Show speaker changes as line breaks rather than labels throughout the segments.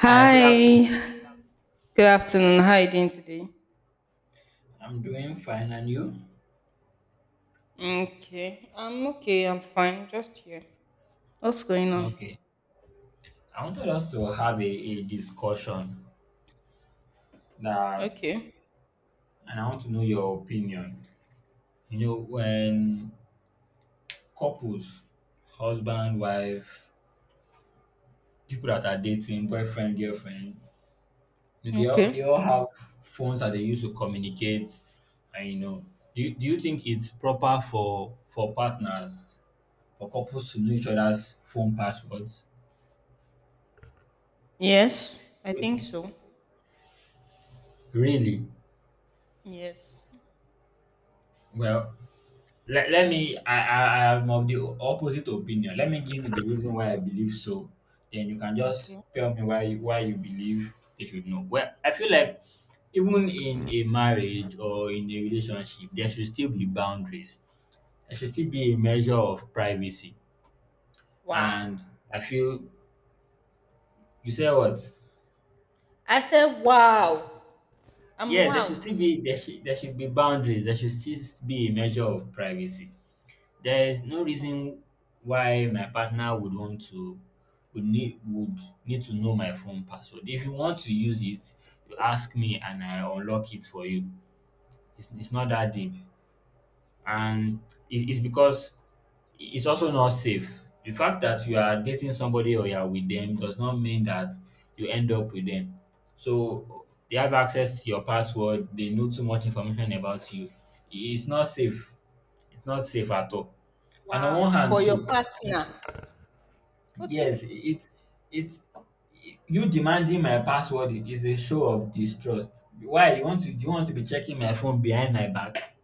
Hi, good afternoon.
Good afternoon. How are you doing today?
I'm doing fine, and you?
Okay. I'm okay. I'm fine. Just here. What's going on?
Okay. I wanted us to have a discussion that,
Okay.
and I want to know your opinion. You know, when couples, husband, wife, people that are dating, boyfriend, girlfriend, you know,
Okay.
they all have phones that they use to communicate. And you know, do you think it's proper for partners, for couples to know each other's phone passwords?
Yes, I think so.
Really?
Yes.
Well, Let, let me, I, I'm of the opposite opinion. Let me give you the reason why I believe so. Then you can just
Okay.
tell me why you believe they should know. Well, I feel like even in a marriage or in a relationship, there should still be boundaries. There should still be a measure of privacy.
Wow.
And I feel, you say what?
I said wow. I'm
Yes,
wowed.
there should be boundaries. There should still be a measure of privacy. There is no reason why my partner would want to would need to know my phone password. If you want to use it, you ask me and I unlock it for you. It's not that deep. And it's because it's also not safe. The fact that you are dating somebody or you are with them does not mean that you end up with them. So they have access to your password, they know too much information about you. It's not safe. It's not safe at all. And on
Wow.
one hand
For your
too,
partner.
it's
Okay.
yes, it you demanding my password is a show of distrust. Why you want to do you want to be checking my phone behind my back?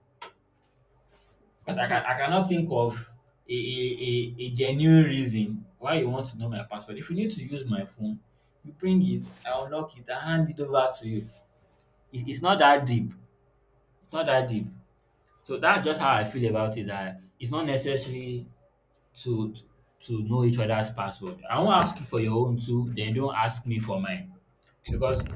Because I
Hmm.
cannot think of a genuine reason why you want to know my password. If you need to use my phone, you bring it, I unlock it, I hand it over to you. It's not that deep. It's not that deep. So that's just how I feel about it. That it's not necessary to to, to know each other's password. I won't ask you for your own too, then don't ask me for mine. Because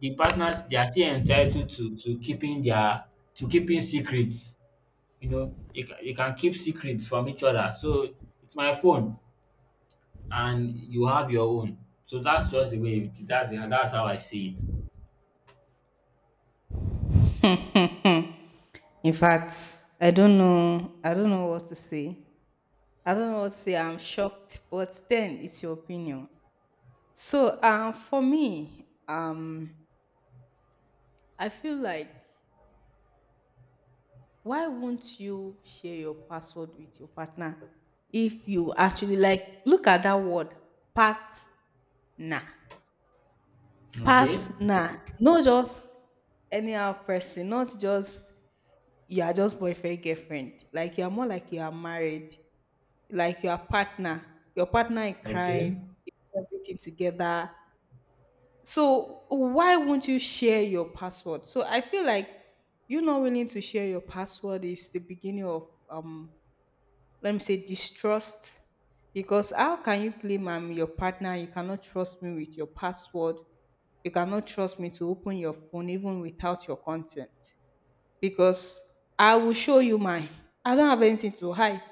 the partners they are still entitled to keeping their to keeping secrets you know, you can keep secrets from each other. So it's my phone, and you have your own. So that's just the way it. That's how I see it.
In fact, I don't know. I don't know what to say. I don't know what to say. I'm shocked, but then it's your opinion. So, for me, I feel like, why won't you share your password with your partner if you actually, like, look at that word partner.
Okay,
Partner. Not just anyhow person, not just you are just boyfriend, girlfriend. Like you are more, like you are married, like you are partner, your partner in
okay.
crime, everything together. So why won't you share your password? So I feel like you not willing to share your password is the beginning of, let me say, distrust. Because how can you claim I'm your partner? You cannot trust me with your password. You cannot trust me to open your phone even without your consent, because I will show you mine. I don't have anything to hide.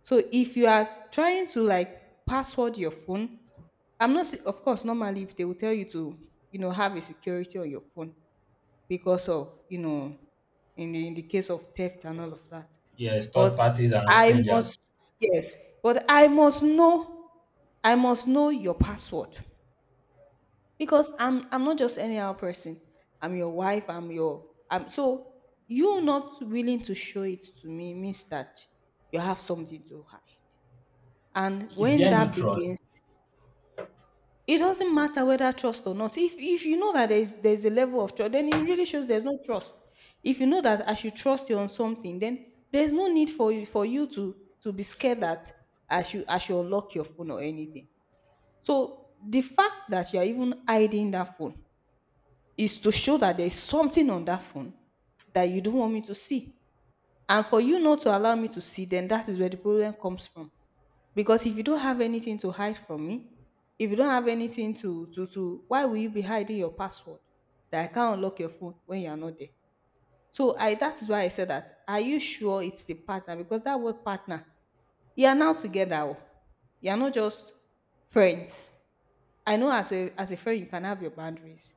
So if you are trying to like password your phone, I'm not say- of course normally they will tell you to have a security on your phone because of, in the case of theft and all of that.
Yes, third
But
parties and
I
strangers.
must Yes, but I must know, I must know your password because I'm not just any other person. I'm your wife. I'm your I'm So, you not willing to show it to me means that you have something to hide. And
Is
when
there no
that
trust?
begins, it doesn't matter whether trust or not. If you know that there's a level of trust, then it really shows there's no trust. If you know that I should trust you on something, then there's no need for you, for you to be scared that I should unlock your phone or anything. So the fact that you're even hiding that phone is to show that there's something on that phone that you don't want me to see. And for you not to allow me to see, then that is where the problem comes from. Because if you don't have anything to hide from me, if you don't have anything to why will you be hiding your password that I can't unlock your phone when you are not there? So I that is why I said that. Are you sure it's the partner? Because that word partner, you are now together, oh. You are not just friends. I know, as a friend you can have your boundaries.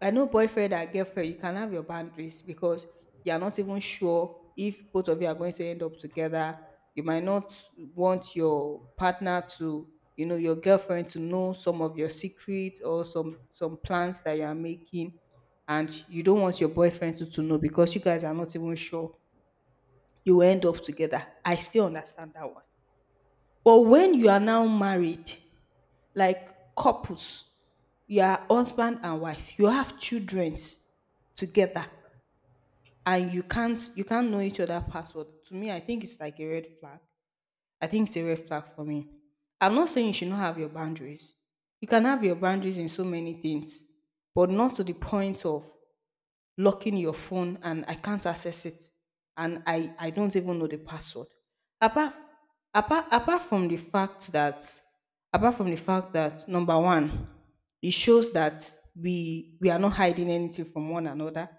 I know boyfriend and girlfriend, you can have your boundaries because you are not even sure if both of you are going to end up together. You might not want your partner to, you know, your girlfriend to know some of your secrets or some plans that you are making, and you don't want your boyfriend to know because you guys are not even sure you will end up together. I still understand that one, but when you are now married, like couples, you are husband and wife, you have children together, and you can't know each other password. To me, I think it's like a red flag. I think it's a red flag for me. I'm not saying you should not have your boundaries. You can have your boundaries in so many things, but not to the point of locking your phone and I can't access it, and I don't even know the password. Apart, apart apart from the fact that apart from the fact that number one, it shows that we are not hiding anything from one another,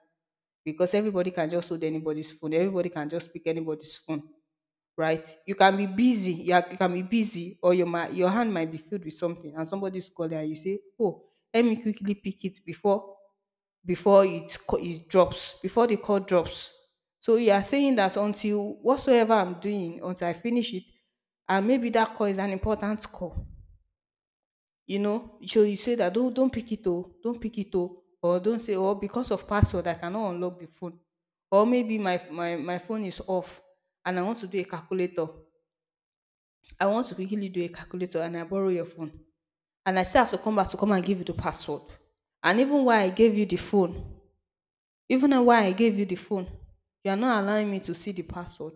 because everybody can just hold anybody's phone, everybody can just pick anybody's phone, right? You can be busy, you can be busy, or your hand might be filled with something and somebody's calling and you say, oh, let me quickly pick it before, it drops, before the call drops. So you are saying that until whatsoever I'm doing, until I finish it, and maybe that call is an important call, you know. So you say that, don't pick it oh, don't pick it oh, or don't say, oh, because of password I cannot unlock the phone. Or maybe my phone is off and I want to do a calculator, I want to quickly do a calculator and I borrow your phone, and I still have to come back to come and give you the password. And even while I gave you the phone, even though why I gave you the phone, you are not allowing me to see the password.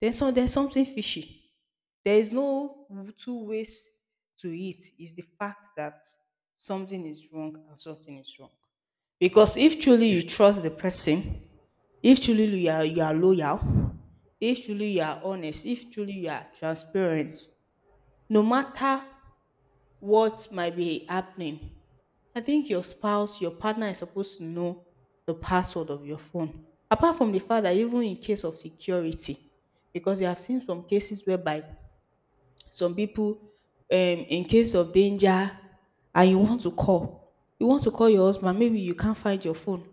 Then, so there's something fishy. There is no two ways to it. It's the fact that something is wrong, and something is wrong. Because if truly you
If-
trust the person, if truly you are loyal, if truly you are honest, if truly you are transparent, no matter what might be happening, I think your spouse, your partner is supposed to know the password of your phone. Apart from the fact that, even in case of security, because you have seen some cases whereby some people, in case of danger, and you want to call, you want to call your husband, maybe you can't find your phone,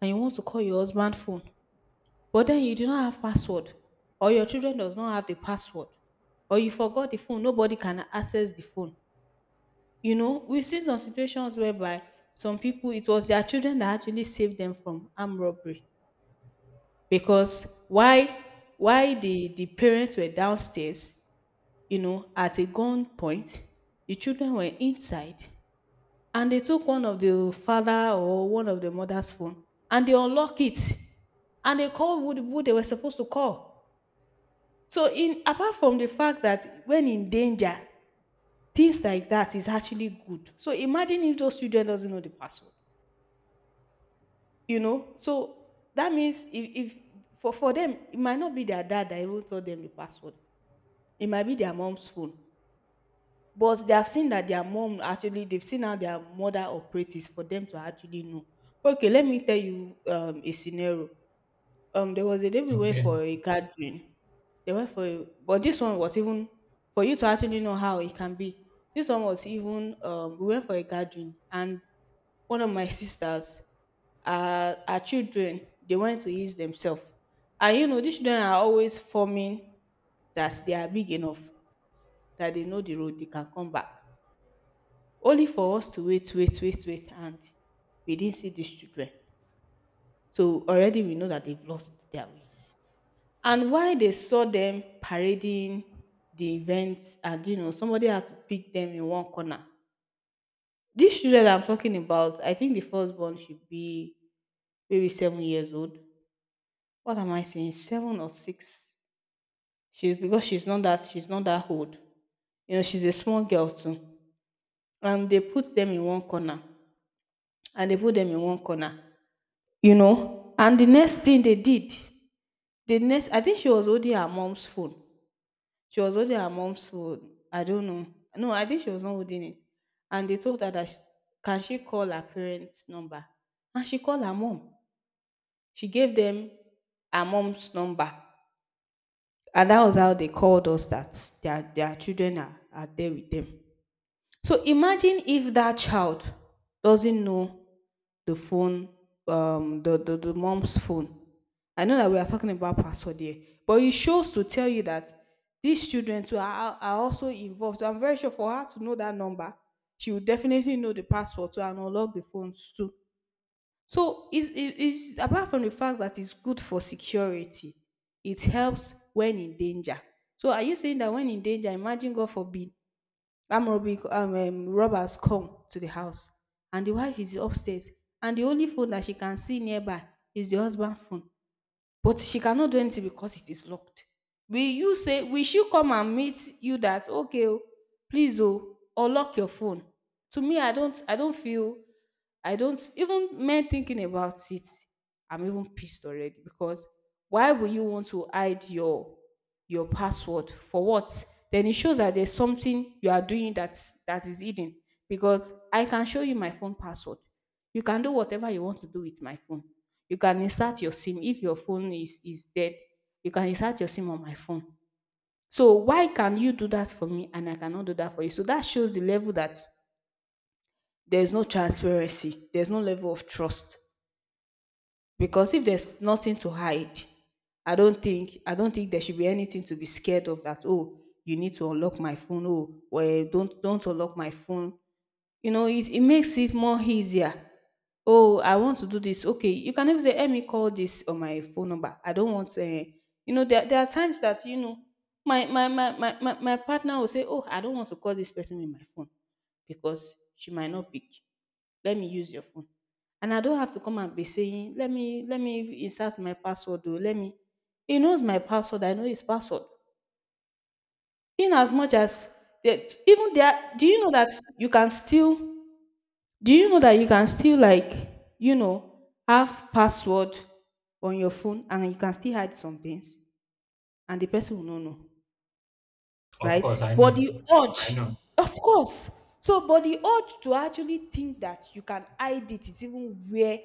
and you want to call your husband's phone, but then you do not have password, or your children does not have the password, or you forgot the phone, nobody can access the phone. We've seen some situations whereby some people, it was their children that actually saved them from armed robbery. Because, why the parents were downstairs, you know, at a gunpoint, the children were inside, and they took one of the father or one of the mother's phone, and they unlock it, and they call who they were supposed to call. So, in apart from the fact that when in danger, things like that is actually good. So imagine if those children doesn't know the password. So that means, if for them, it might not be their dad that even told them the password. It might be their mom's phone, but they have seen that their mom, actually, they've seen how their mother operates, is for them to actually know. Okay, let me tell you a scenario. There was a day we went
Okay,
for a gathering. They went for, a, but this one was even for you to actually know how it can be. This one was even, we went for a gathering, and one of my sisters, her children, they went to ease themselves, and you know, these children are always forming that they are big enough, that they know the road, they can come back. Only for us to wait, wait, wait, wait, and we didn't see these children. So already we know that they've lost their way. And while they saw them parading the events, and you know, somebody had to pick them in one corner. These children I'm talking about, I think the firstborn should be maybe 7 years old. What am I saying? 7 or 6. She, because she's not that old. You know, she's a small girl too. And they put them in one corner. And they put them in one corner. You know? And the next thing they did, the next I think she was holding her mom's phone. She was holding her mom's phone. I don't know. No, I think she was not holding it. And they told her that, sh can she call her parents' number? And she called her mom. She gave them her mom's number. And that was how they called us that their children are there with them. So imagine if that child doesn't know the phone, the, the mom's phone. I know that we are talking about password here, but it shows to tell you that these children too are also involved. I'm very sure for her to know that number, she will definitely know the password to and unlock the phones too. So it's apart from the fact that it's good for security, it helps when in danger. So are you saying that when in danger, imagine, God forbid, that robbers come to the house, and the wife is upstairs, and the only phone that she can see nearby is the husband phone, but she cannot do anything because it is locked. Will she come and meet you that, okay, oh please oh, or lock your phone? To me, I don't feel. I don't even men thinking about it, I'm even pissed already. Because why would you want to hide your password? For what? Then it shows that there's something you are doing that is hidden, because I can show you my phone password. You can do whatever you want to do with my phone. You can insert your SIM if your phone is dead. You can insert your SIM on my phone. So why can you do that for me and I cannot do that for you? So that shows the level that there's no transparency, there's no level of trust. Because if there's nothing to hide, I don't think there should be anything to be scared of. That, oh, you need to unlock my phone. Oh, well, don't unlock my phone. You know, it makes it more easier. Oh, I want to do this. Okay, you can even say, let me call this on my phone number. I don't want to, you know, there are times that, my partner will say, oh, I don't want to call this person with my phone because she might not pick. Let me use your phone. And I don't have to come and be saying, let me insert my password, or let me. He knows my password. I know his password, in as much as that. Even there, do you know that you can still. Do you know that you can still, like, have password on your phone and you can still hide some things and the person will not know,
of
right?
course I
But
know,
the urge,
I know.
of course. So, but the urge to actually think that you can hide it is even where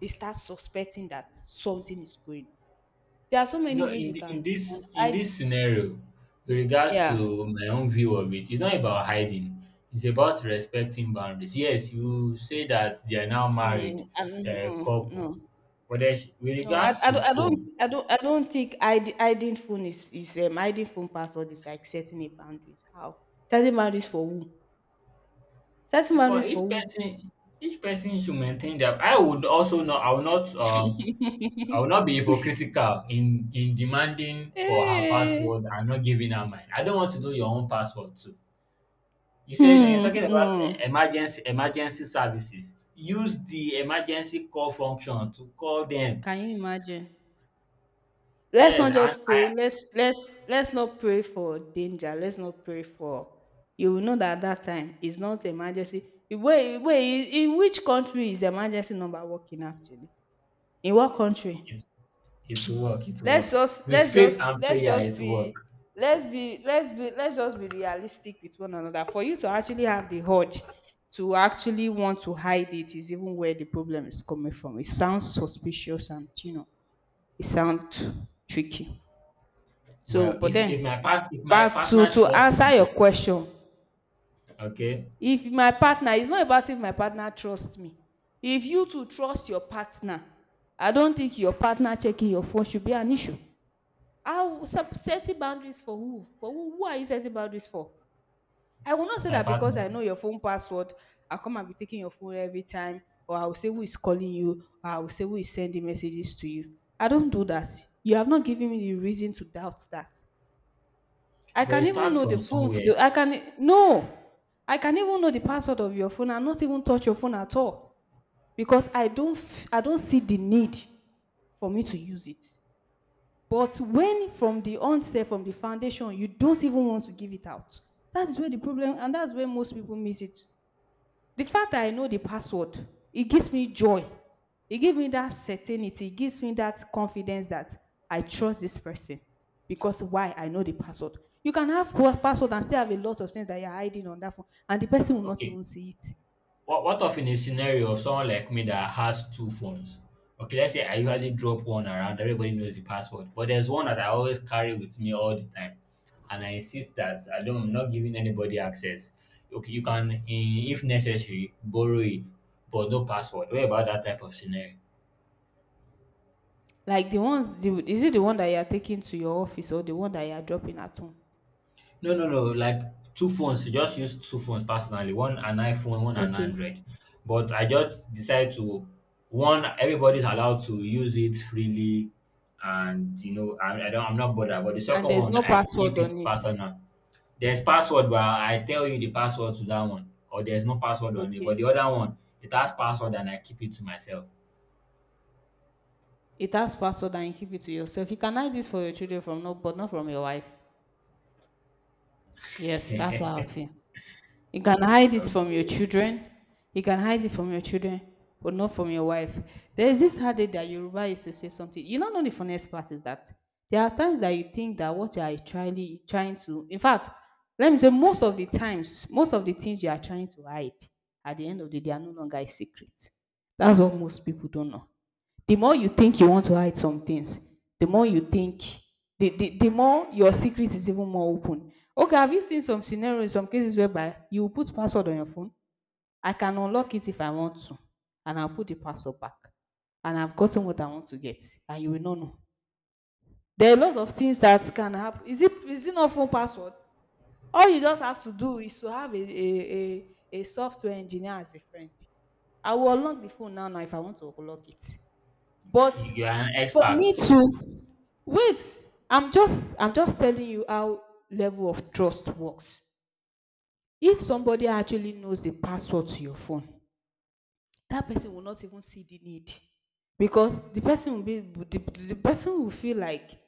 they start suspecting that something is going on. There are so
You
many
know,
ways
in the,
you can
in
hide.
this scenario, with regards
Yeah.
to my own view of it, it's not about hiding. It's about respecting boundaries. Yes, you say that they are now married,
Mm, and,
they're a
mm,
couple,
no.
but there's with
No,
regards
I,
to
don't, I don't,
phone,
I don't, I don't think id, hiding phone is hiding phone password is like setting a boundaries. How setting boundaries for who? Setting
if for
boundaries for who?
each person should maintain their. I would also not. I will not. I will not be hypocritical in demanding for her
Hey.
password and not giving her mine. I don't want to know your own password too. You say when you're talking
Hmm. No.
about emergency services, use the emergency call function to call them.
Can you imagine? Let's
Yes,
not
and I.
just pray. Let's not pray for danger. Let's not pray for. You will know that that time is not emergency. Wait, wait. In which country is emergency number working actually? In what country?
It's it will work. It will
let's
work
just
with
let's
faith
just
and
let's
prayer.
just
It will
be.
work.
Let's just be realistic with one another. For you to actually have the urge to actually want to hide it is even where the problem is coming from. It sounds suspicious, and, you know, it sounds tricky. So
Well,
but
if
then,
my part if my
back to
partner trusts
answer your
me,
question.
okay,
If my partner, it's not about if my partner trusts me. If you to trust your partner, I don't think your partner checking your phone should be an issue. How sep- setting boundaries for who? For who? Who are you setting boundaries for? I will not
for
say
my
that because
partner.
I know your phone password, I'll come and be taking your phone every time, or I will say who is calling you, or I will say who is sending messages to you. I don't do that. You have not given me the reason to doubt that. I
But it
can even
starts
know the
from
phone. For
somewhere.
the, I can no. I can even know the password of your phone and not even touch your phone at all, because I don't. F- I don't see the need for me to use it. But when from the onset, from the foundation, you don't even want to give it out, that's where the problem, and that's where most people miss it. The fact that I know the password, it gives me joy. It gives me that certainty. It gives me that confidence that I trust this person. Because why? I know the password. You can have poor password and still have a lot of things that you're hiding on that phone, and the person will not
Okay,
even see it.
what of in a scenario of someone like me that has two phones? Okay, let's say I usually drop one around, everybody knows the password. But there's one that I always carry with me all the time. And I insist that I'm not giving anybody access. Okay, you can if necessary borrow it, but no password. What about that type of scenario?
Like the ones, the, is it the one that you're taking to your office or the one that you're dropping at home?
No, No. Like two phones. You just use two phones personally. One an iPhone, one an
Okay.
Android. But I just decided to one. Everybody's allowed to use it freely, and you know, I don't. I'm not bothered. But the
And
second
there's
one,
no
I
password
keep it
on it.
personal. There's password, but I tell you the password to that one, or there's no password on it. But the
Okay.
other one, it has password, and I keep it to myself.
It has password and you keep it to yourself. You can hide this for your children from, no, but not from your wife. Yes, that's how I
Okay,
feel. You can hide it from your
you
children. You can hide it from your children, but not from your wife. There is this adage that Yoruba used to say something. You don't know. The funniest part is that there are times that you think that what you are trying to. In fact, let me say most of the times, most of the things you are trying to hide, at the end of the day, they are no longer a secret. That's what most people don't know. The more you think you want to hide some things, the more you think, the more your secret is even more open. Okay, have you seen some scenarios, some cases whereby you put password on your phone? I can unlock it if I want to, and I'll put the password back. And I've gotten what I want to get, and you will not know. There are a lot of things that can happen. Is it not phone password? All you just have to do is to have a software engineer as a friend. I will unlock the phone now, now, if I want to unlock it. But
are an
for me
expert.
to, wait, I'm just telling you how level of trust works. If somebody actually knows the password to your phone, that person will not even see the need, because the person will be the person will feel like,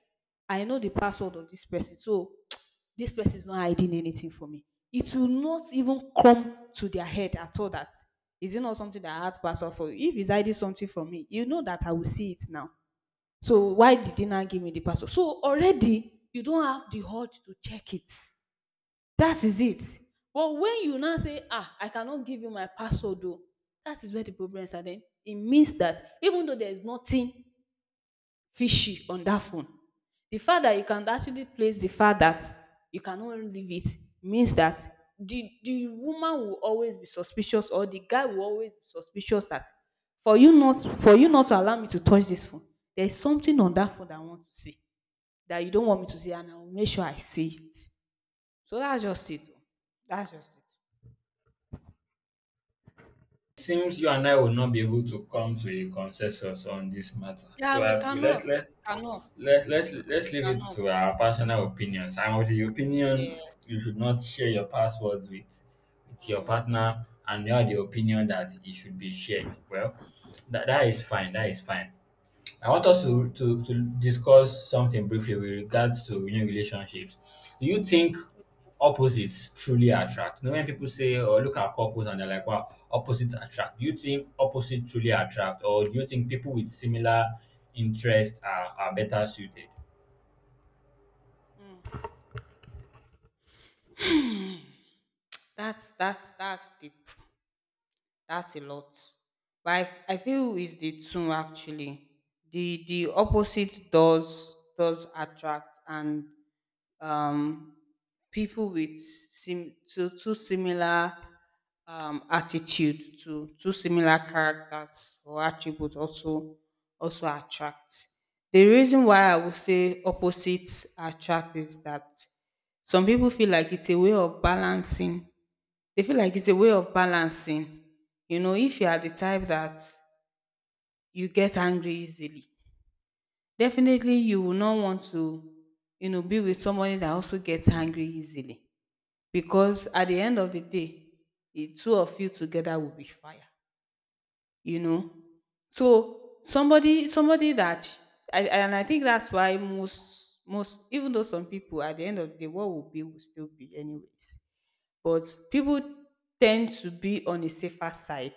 I know the password of this person, so this person is not hiding anything from me. It will not even come to their head at all that, is it not something that I had password for? If he's hiding something from me, you know that I will see it now. So why did he not give me the password? So already you don't have the heart to check it. That is it. But when you now say, ah, I cannot give you my password, though, that is where the problem is. Then it means that even though there is nothing fishy on that phone, the fact that you can actually place the fact that you cannot leave it means that the woman will always be suspicious, or the guy will always be suspicious that, for you not to allow me to touch this phone, there is something on that phone that I want to see that you don't want me to see, and I will make sure I see it. So that's just it. Oh. That's just it.
Seems you and I will not be able to come to a consensus on this matter. So
Yeah,
I,
we
let's
cannot.
let
We cannot.
let let's
We
leave it
cannot.
to our personal opinions. I'm of the opinion
Yeah.
you should not share your passwords with your partner, and you're the opinion that it should be shared. Well, that that is fine. That is fine. I want us
Yeah.
to discuss something briefly with regards to you know, relationships. Do you think opposites truly attract? You know, when people say, or look at couples and they're like, wow, opposites attract. Do you think opposites truly attract? Or do you think people with similar interests are better suited?
That's the That's a lot. But I feel it's the two actually. The opposite does attract, and um people with sim two similar attitude to two similar characters or attributes also attract. The reason why I would say opposites attract is that some people feel like it's a way of balancing. They feel like it's a way of balancing. You know, if you are the type that you get angry easily, definitely you will not want to, you know, be with somebody that also gets angry easily. Because at the end of the day, the two of you together will be fire. You know? So somebody that I, and I think that's why most, even though some people at the end of the day, what will be will still be anyways. But people tend to be on a safer side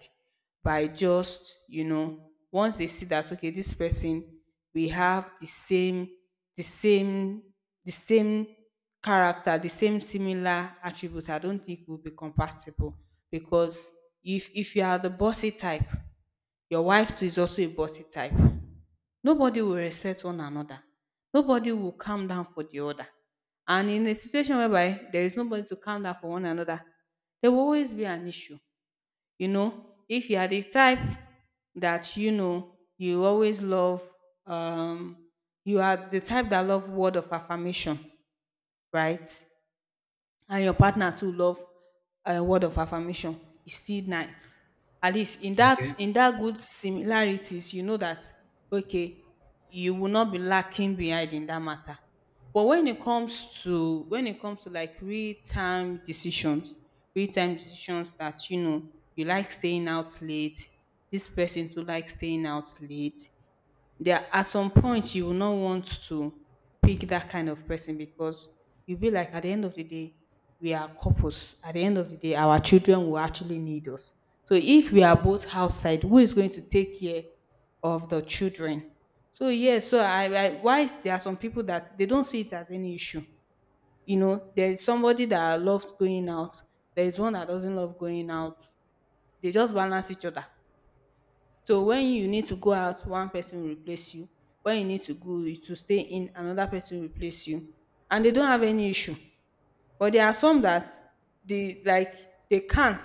by just, you know, once they see that okay, this person, we have the same, the same the same character, the same similar attributes, I don't think we'll be compatible. Because if you are the bossy type, your wife too is also a bossy type. Nobody will respect one another. Nobody will calm down for the other. And in a situation whereby there is nobody to calm down for one another, there will always be an issue. You know, if you are the type that you know you always love, um, you are the type that love word of affirmation, right? And your partner too love a word of affirmation, is still nice. At least in that,
Okay.
in that good similarities, you know that okay, you will not be lacking behind in that matter. But when it comes to like real time decisions that you know, you like staying out late, this person too like staying out late, there at some point you will not want to pick that kind of person, because you'll be like, at the end of the day we are couples, at the end of the day our children will actually need us. So if we are both outside, who is going to take care of the children? So yes, so I why there are some people that they don't see it as any issue. You know, there's somebody that loves going out, there's one that doesn't love going out, they just balance each other. So when you need to go out, one person will replace you. When you need to go to stay in, another person will replace you. And they don't have any issue. But there are some that they like, they can't,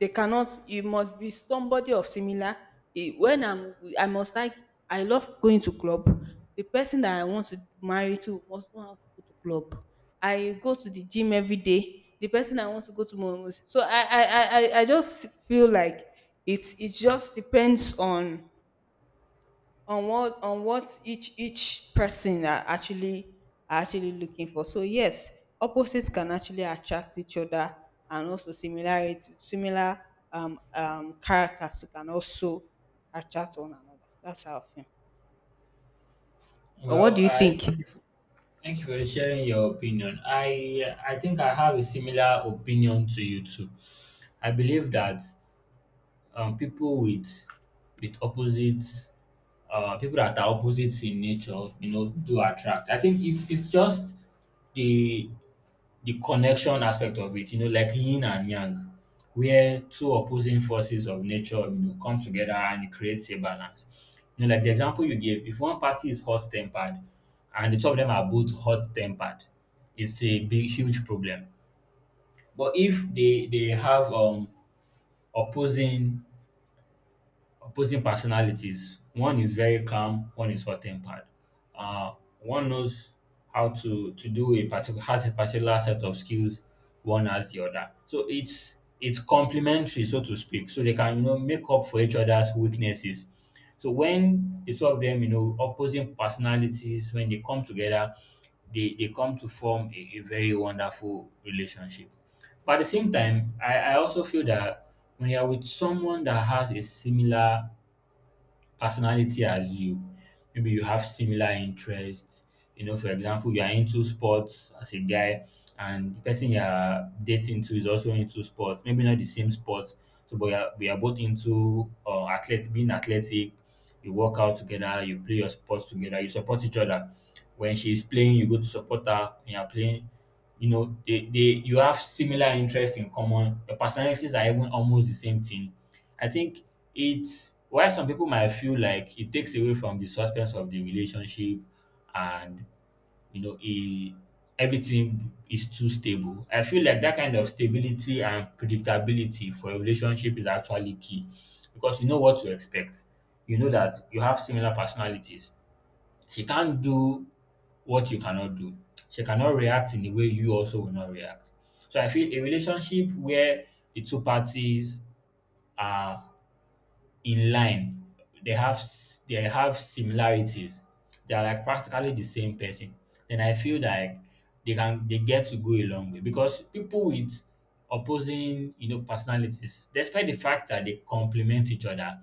they cannot you must be somebody of similar, when I must like, I love going to club, the person that I want to marry to must know how to go to club. I go to the gym every day, the person I want to go to must, so I just feel like it's it just depends on what each person are actually, looking for. So yes, opposites can actually attract each other, and also similar characters can also attract one another. That's how I feel. Or what
Well,
do you
I
think?
thank you for sharing your opinion. I think I have a similar opinion to you too. I believe that people with opposite people that are opposites in nature, you know, do attract. I think it's just the the connection aspect of it, you know, like yin and yang, where two opposing forces of nature, you know, come together and it creates a balance. You know, like the example you gave, if one party is hot tempered and the two of them are both hot tempered, it's a big huge problem. But if they have opposing personalities. One is very calm, one is hot tempered. Uh, one knows how to do a particular has a particular set of skills, one has the other. So it's complementary, so to speak. So they can you know make up for each other's weaknesses. So when the two of them, you know, opposing personalities, when they come together, they come to form a very wonderful relationship. But at the same time, I also feel that when you're with someone that has a similar personality as you. Maybe you have similar interests. You know, for example, you are into sports as a guy, and the person you are dating to is also into sports. Maybe not the same sport, so but we are both into athletic, being athletic. You work out together, you play your sports together, you support each other. When she is playing, you go to support her. When you are playing, you know, they you have similar interests in common. Your personalities are even almost the same thing. I think it's why some people might feel like it takes away from the suspense of the relationship and you know it, everything is too stable. I feel like that kind of stability and predictability for a relationship is actually key because you know what to expect. You know that you have similar personalities. She can't do what you cannot do. She cannot react in a way you also will not react. So I feel a relationship where the two parties are in line. They have they have similarities. They are like practically the same person. Then I feel like they get to go a long way because people with opposing you know personalities, despite the fact that they complement each other,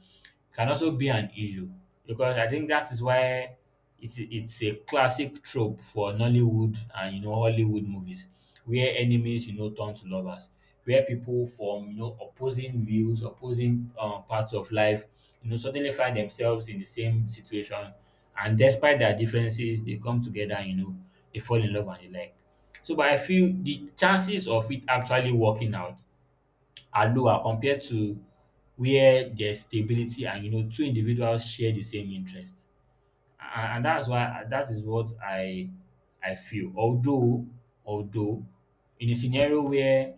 can also be an issue because I think that is why it's a classic trope for Nollywood and you know Hollywood movies where enemies you know turn to lovers, where people from you know opposing views, opposing parts of life, you know, suddenly find themselves in the same situation, and despite their differences, they come together. And, you know, they fall in love and they like. So, but I feel the chances of it actually working out are lower compared to where there's stability and you know two individuals share the same interest and, that's why that is what I feel. Although in a scenario where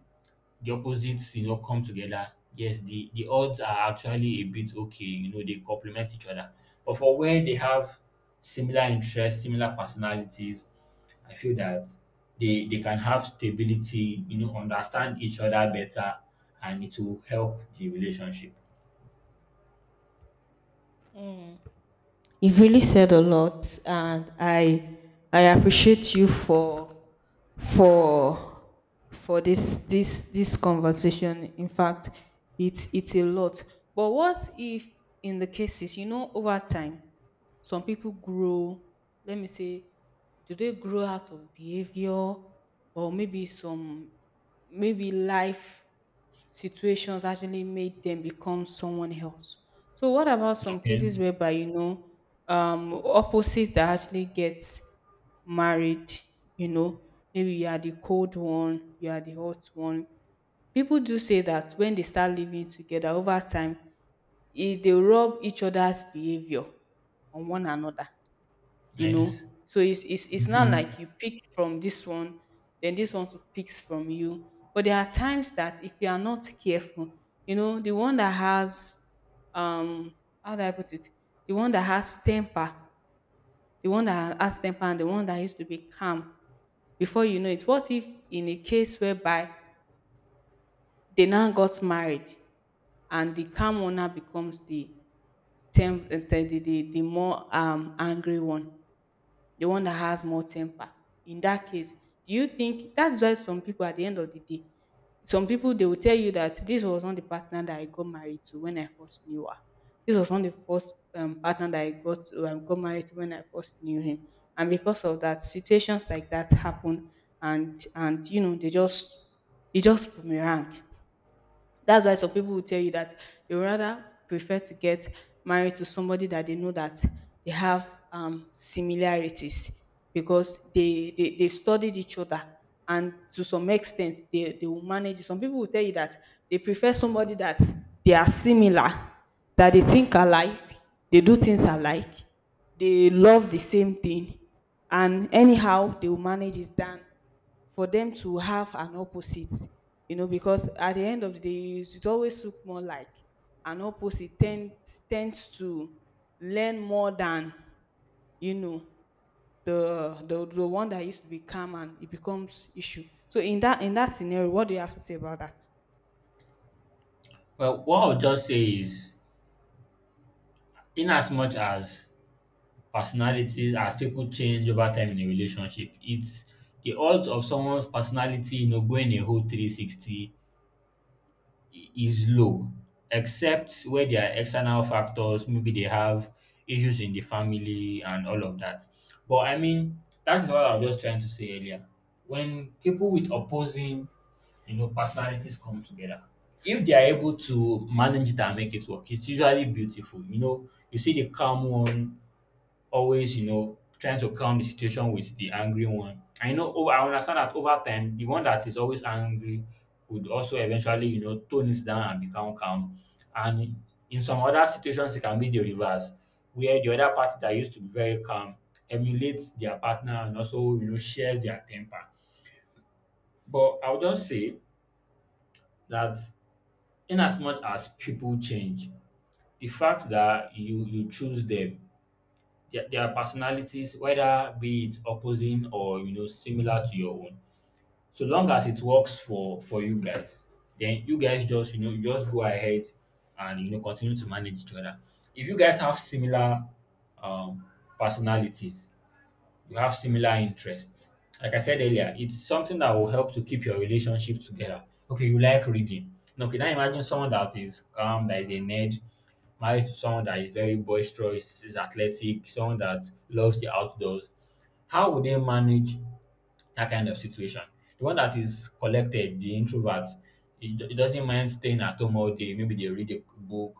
the opposites, you know, come together, yes, the odds are actually a bit okay. You know, they complement each other. But for where they have similar interests, similar personalities, I feel that they can have stability. You know, understand each other better, and it will help the relationship.
You've really said a lot, and I appreciate you for for this conversation. In fact, it's a lot. But what if in the cases, you know, over time, some people grow, let me say, do they grow out of behavior? Or maybe some, maybe life situations actually made them become someone else. So what about some
Okay.
cases whereby, you know, um, opposites that actually get married? You know, maybe you are the cold one, you are the hot one. People do say that when they start living together over time, they rub each other's behavior on one another. You
Yes.
know, so it's it's not
Mhm.
like you pick from this one then this one too picks from you. But there are times that if you are not careful, you know, the one that has, um, how do I put it, the one that has temper, and the one that used to be calm, before you know it, what if in a case whereby they now got married and the calm one now becomes the the more, um, angry one, the one that has more temper. In that case, do you think that's why some people at the end of the day, some people they will tell you that this was not the partner that I got married to when I first knew her? This was not the first, partner that I got to, got married to when I first knew him. And because of that, situations like that happen, and you know they just, it just boomerang. That's why some people will tell you that they would rather prefer to get married to somebody that they know that they have, similarities, because they they've studied each other and to some extent they will manage it. Some people will tell you that they prefer somebody that they are similar, that they think alike, they do things alike, they love the same thing, and anyhow they will manage it, than for them to have an opposite. You know, because at the end of the day, it always look more like an opposite tends to learn more than, you know, the one that used to be calm, and it becomes issue. So in that scenario, what do you have to say about that?
Well, what I'll just say is, in as much as personalities as people change over time in a relationship, it's the odds of someone's personality you know going a whole 360 is low, except where there are external factors, maybe they have issues in the family and all of that. But I mean that's what I was just trying to say earlier, when people with opposing you know personalities come together, if they are able to manage it and make it work, it's usually beautiful. You know, you see the calm one always, you know, trying to calm the situation with the angry one. I understand that over time, the one that is always angry would also eventually, you know, tone it down and become calm. And in some other situations, it can be the reverse, where the other party that used to be very calm emulates their partner and also, you know, shares their temper. But I would just say that, in as much as people change, the fact that you choose them, their personalities, whether be it opposing or you know similar to your own. So long as it works for you guys, then you guys just you know you just go ahead and you know continue to manage each other. If you guys have similar um, personalities, you have similar interests. Like I said earlier, it's something that will help to keep your relationship together. Okay, you like reading. Okay, now, can I imagine someone that is calm, that is a nerd, married to someone that is very boisterous, is athletic, someone that loves the outdoors. How would they manage that kind of situation. The one that is collected, the introvert, he doesn't mind staying at home all day. Maybe they read a book,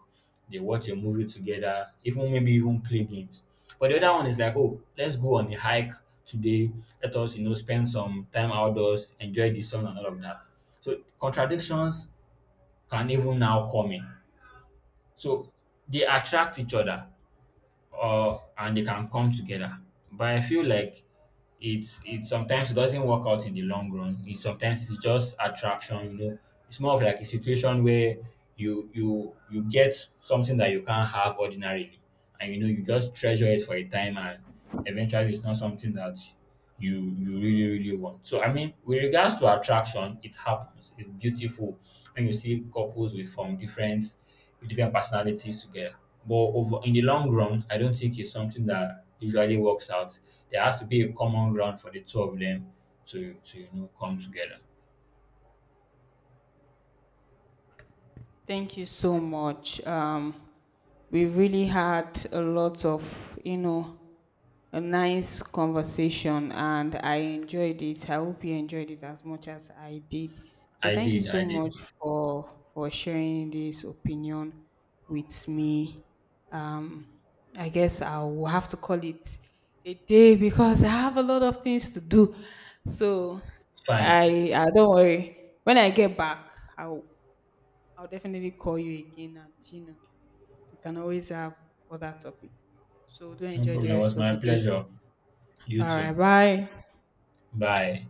they watch a movie together, even maybe even play games. But the other one is like, oh, let's go on a hike today. Let us, you know, spend some time outdoors, enjoy the sun and all of that. So contradictions can even now come in. So they attract each other or and they can come together. But I feel like it sometimes it doesn't work out in the long run. It sometimes it's just attraction, you know. It's more of like a situation where you get something that you can't have ordinarily, and you know you just treasure it for a time, and eventually it's not something that you really really want. So I mean, with regards to attraction, it happens. It's beautiful when you see couples with from different with different personalities together. But over in the long run, I don't think it's something that usually works out. There has to be a common ground for the two of them to you know come together.
Thank you so much. We really had a lot of, you know, a nice conversation, and I enjoyed it. I hope you enjoyed it as much as I did. So
I
thank you
did,
so
I did.
much for sharing this opinion with me. Um, I guess I'll have to call it a day because I have a lot of things to do. So
It's fine.
I don't worry. When I get back, I'll I'll definitely call you again, and you know we can always have other topic. So do
No
enjoy the
problem. It was
rest of
my
the day.
pleasure. You
All
too.
right, bye.
Bye.